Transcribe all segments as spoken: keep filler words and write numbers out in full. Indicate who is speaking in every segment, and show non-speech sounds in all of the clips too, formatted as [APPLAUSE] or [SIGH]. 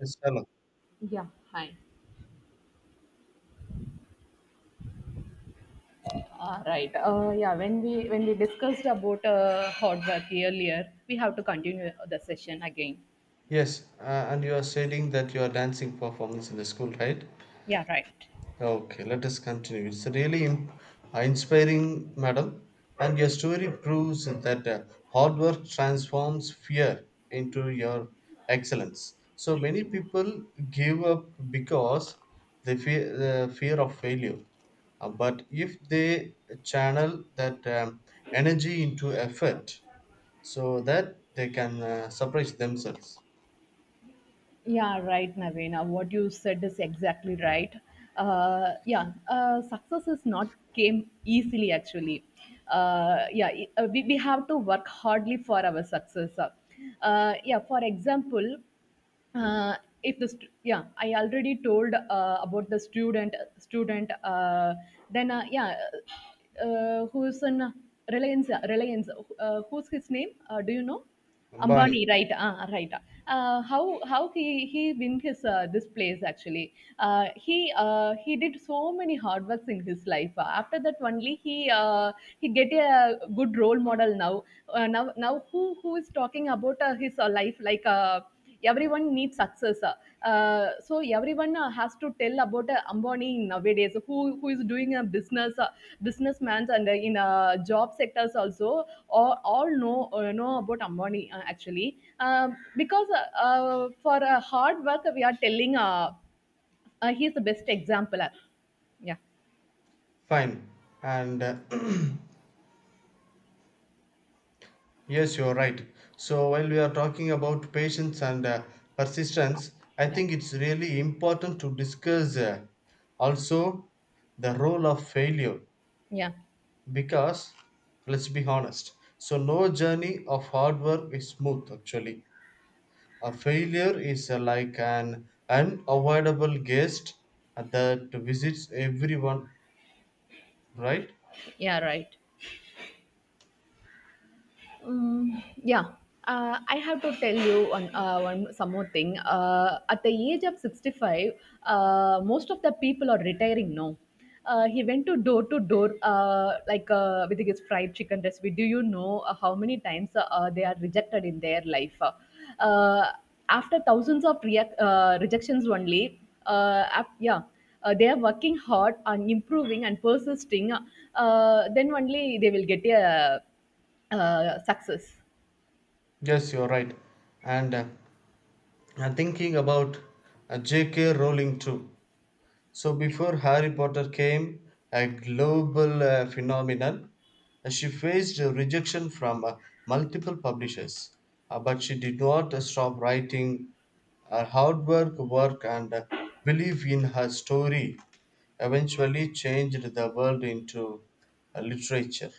Speaker 1: Yes, hello.
Speaker 2: Yeah, hi. Ah, right. Uh, yeah. When we when we discussed about uh, hot work earlier, we have to continue the session again.
Speaker 1: Yes, uh, and you are saying that you are dancing performance in the school, right?
Speaker 2: Yeah. Right.
Speaker 1: Okay, let us continue. It's really im- uh, inspiring, madam. And your story proves that uh, hard work transforms fear into your excellence. So many people give up because they fear the fear of failure. Uh, but if they channel that um, energy into effort, so that they can uh, surprise themselves.
Speaker 2: Yeah. Right, Navina. What you said is exactly right. Uh, yeah. Uh, success is not came easily actually. Uh, yeah. it- uh, we, we have to work hardly for our success. Uh, yeah. For example. uh, if the st- yeah I already told uh, about the student student uh, then uh, yeah uh, who's in uh, reliance reliance uh, who's his name, uh, do you know?
Speaker 1: Bali,
Speaker 2: Ambani, right. Ah, right. Uh, how how he he win his uh, this place actually. Uh, he uh, he did so many hard works in his life. Uh, after that only he uh, He get a good role model now. Uh, now now who who is talking about uh, his uh, life like uh, everyone needs success. Uh, so everyone uh, has to tell about uh, Ambani nowadays, who who is doing a business, uh, businessman, and uh, in uh, job sectors also, all, all know uh, know about Ambani uh, actually. Um because uh, uh, for uh, hard work we are telling. Uh, uh, he's the best example. Uh, Yeah,
Speaker 1: fine. And uh, [CLEARS THROAT] yes, you're right. So while we are talking about patience and uh, persistence, I
Speaker 2: Yeah.
Speaker 1: think it's really important to discuss uh, also the role of failure
Speaker 2: yeah,
Speaker 1: because let's be honest. So no journey of hard work is smooth actually. A failure is uh, like an unavoidable guest that visits everyone, right?
Speaker 2: yeah, right. Mm, yeah. Uh, I have to tell you one, uh, one some more thing. Uh, at the age of sixty-five, uh, most of the people are retiring now. Uh, he went to door to door, uh, like uh, with his fried chicken recipe. Do you know uh, how many times uh, uh, they are rejected in their life? Uh, After thousands of reac- uh, rejections only, uh, af- yeah, uh, they are working hard on improving and persisting. Uh, then only they will get a uh, success.
Speaker 1: Yes, you're right. And uh, I'm thinking about uh, J K. Rowling too. So before Harry Potter came a global uh, phenomenon, uh, she faced rejection from uh, multiple publishers. Uh, but she did not uh, stop writing. Her hard work, work, and uh, belief in her story eventually changed the world into uh, literature.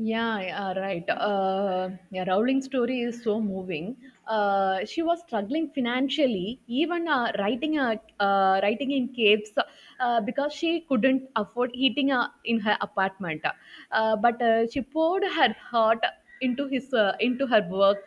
Speaker 2: Yeah, yeah, right. Uh, yeah, Rowling's story is so moving. Uh, she was struggling financially, even uh, writing a uh, writing in caves uh, because she couldn't afford heating uh, in her apartment. Uh, but uh, she poured her heart into his uh, into her work.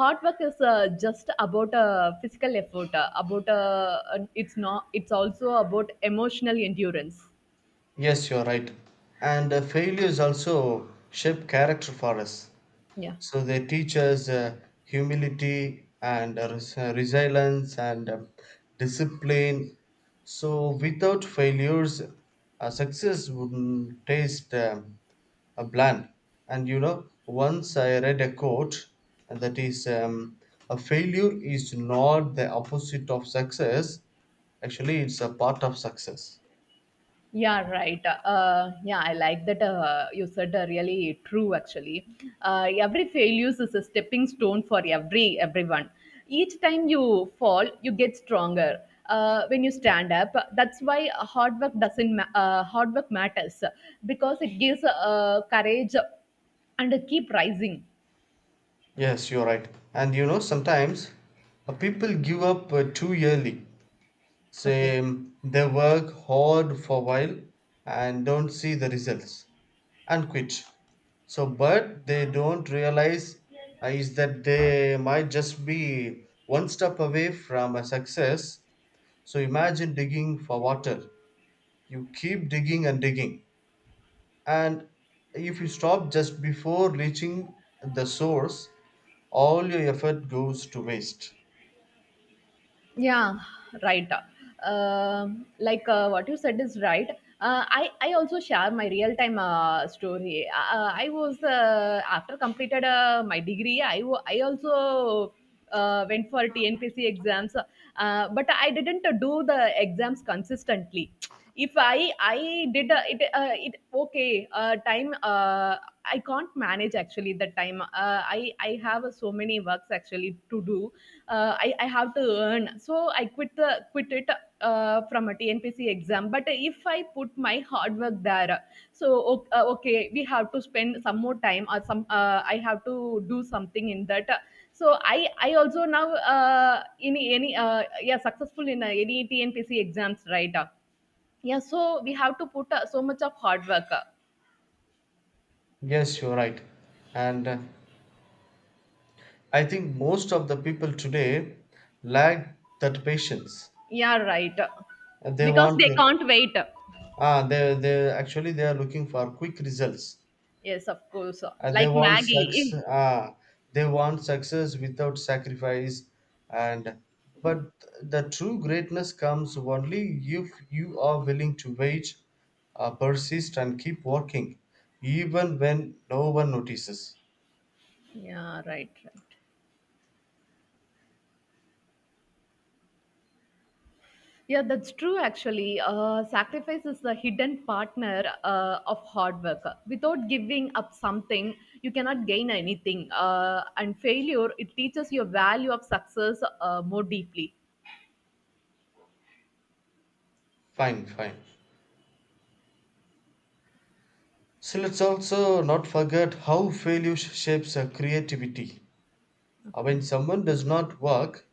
Speaker 2: Hard work is uh, just about uh, physical effort. Uh, about uh, it's not. It's also about emotional endurance.
Speaker 1: Yes, you're right. And uh, failures also shape character for us.
Speaker 2: Yeah.
Speaker 1: So they teach us uh, humility and uh, res- uh, resilience and uh, discipline. So without failures, uh, success wouldn't taste um, a bland. And you know, once I read a quote and that is, um, a failure is not the opposite of success. Actually, it's a part of success.
Speaker 2: Yeah, right. Uh, yeah, I like that uh, you said uh, really true actually. Uh, every failure is a stepping stone for every everyone. Each time you fall, you get stronger. Uh, when you stand up, that's why hard work doesn't ma- uh, hard work matters because it gives uh, courage and keep rising.
Speaker 1: Yes, you're right. And you know, sometimes uh, people give up uh, too early.
Speaker 2: Okay.
Speaker 1: Same, they work hard for a while and don't see the results and quit. So, but they don't realize uh, is that they might just be one step away from a success. So, imagine digging for water. You keep digging and digging, and if you stop just before reaching the source, all your effort goes to waste.
Speaker 2: Yeah, right. Um, like uh, what you said is right. Uh, I I also share my real time uh, story. Uh, I was uh, After completed uh, my degree, I wa- I also uh, went for T N P C exams, uh, but I didn't do the exams consistently. If I I did uh, it uh, it okay uh, time uh, I can't manage actually the time. Uh, i i have uh, so many works actually to do. Uh, i i have to earn, so I quit the quit it uh, from a TNPC exam. But if I put my hard work there, so o- uh, okay, we have to spend some more time or some, uh, I have to do something in that. So i i also now, uh, in any uh, yeah, successful in uh, any TNPC exams, right? Yeah, so we have to put uh, so much of hard work. uh,
Speaker 1: Yes, you're right. And uh, I think most of the people today lack that patience.
Speaker 2: Yeah, right. uh,
Speaker 1: And They
Speaker 2: Because
Speaker 1: want
Speaker 2: they
Speaker 1: the-
Speaker 2: can't wait. uh.
Speaker 1: ah they they actually they are looking for quick results.
Speaker 2: Yes, of course. uh,
Speaker 1: And they
Speaker 2: Like
Speaker 1: want success.
Speaker 2: Maggie.
Speaker 1: Ah, they want success without sacrifice. And but the true greatness comes only if you are willing to wait, uh, persist, and keep working, even when no one notices.
Speaker 2: Yeah, right, right. Yeah, that's true actually. Uh, sacrifice is the hidden partner uh, of hard work. Without giving up something, you cannot gain anything. Uh, and failure, it teaches your value of success uh, more deeply.
Speaker 1: Fine, fine. So let's also not forget how failure shapes our creativity. Uh, When
Speaker 2: Okay.
Speaker 1: someone does not work,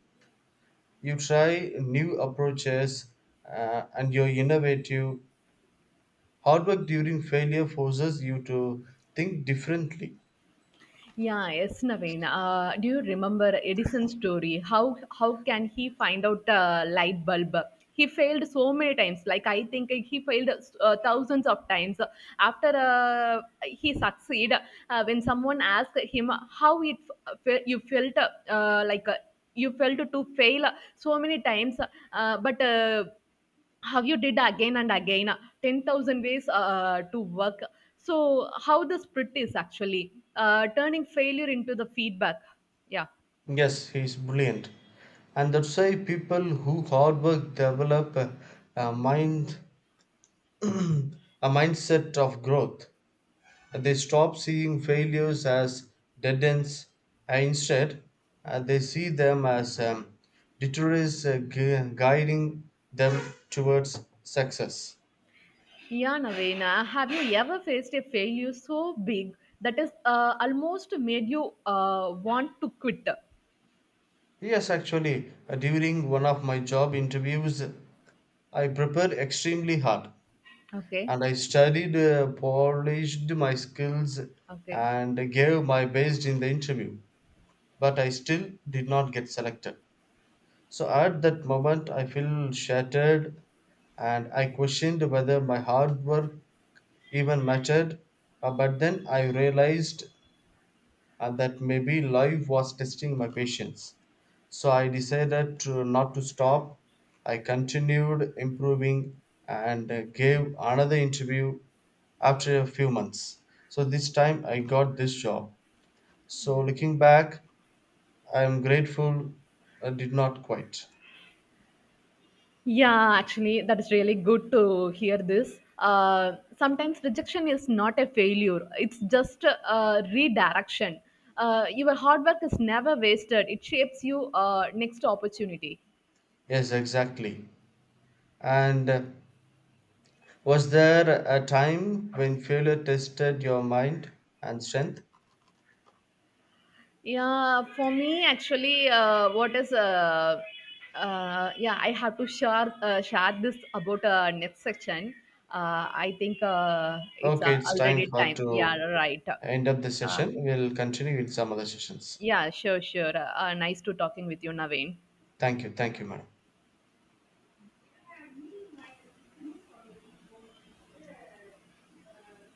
Speaker 1: you try new approaches uh, and you're innovative. Hard work during failure forces you to think differently.
Speaker 2: Yeah, yes, Naveen, Uh, do you remember Edison's story? How how can he find out a light bulb? He failed so many times. Like I think he failed uh, thousands of times. After uh, he succeed, uh, when someone asked him how it f- uh, you felt uh, like uh, you felt to fail so many times, uh, but. Uh, how you did again and again uh, ten thousand ways uh, uh, to work. So, how the split is actually uh, turning failure into the feedback. Yeah.
Speaker 1: Yes, he's brilliant. And that's why people who hard work develop a, a mind [CLEARS THROAT] a mindset of growth. They stop seeing failures as dead ends and instead uh, they see them as um, deterrents uh, gu- guiding them towards success.
Speaker 2: Yeah, Navena, have you ever faced a failure so big that is uh, almost made you uh, want to quit?
Speaker 1: Yes, actually, uh, during one of my job interviews, I prepared extremely hard
Speaker 2: Okay.
Speaker 1: and I studied, uh, polished my skills,
Speaker 2: Okay.
Speaker 1: and gave my best in the interview, but I still did not get selected. So at that moment, I feel shattered and I questioned whether my hard work even mattered. Uh, but then I realized uh, that maybe life was testing my patience. So I decided to not to stop. I continued improving and uh, gave another interview after a few months. So this time I got this job. So looking back, I am grateful I did not quit.
Speaker 2: Yeah, actually, that is really good to hear this. Uh, sometimes rejection is not a failure, it's just a redirection. Uh, your hard work is never wasted, it shapes you uh, next opportunity.
Speaker 1: Yes, exactly. And uh, was there a time when failure tested your mind and strength?
Speaker 2: Yeah, for me, actually, uh, what is uh, uh, yeah, I have to share uh, share this about uh, next section. Uh, I think uh, it's
Speaker 1: Okay,
Speaker 2: uh,
Speaker 1: it's time
Speaker 2: Already
Speaker 1: for
Speaker 2: time. Yeah,
Speaker 1: to
Speaker 2: right.
Speaker 1: end up the
Speaker 2: Uh,
Speaker 1: session. We'll continue with some other sessions.
Speaker 2: Yeah, sure, sure. Uh, nice to talking with you, Naveen.
Speaker 1: Thank you. Thank you, madam.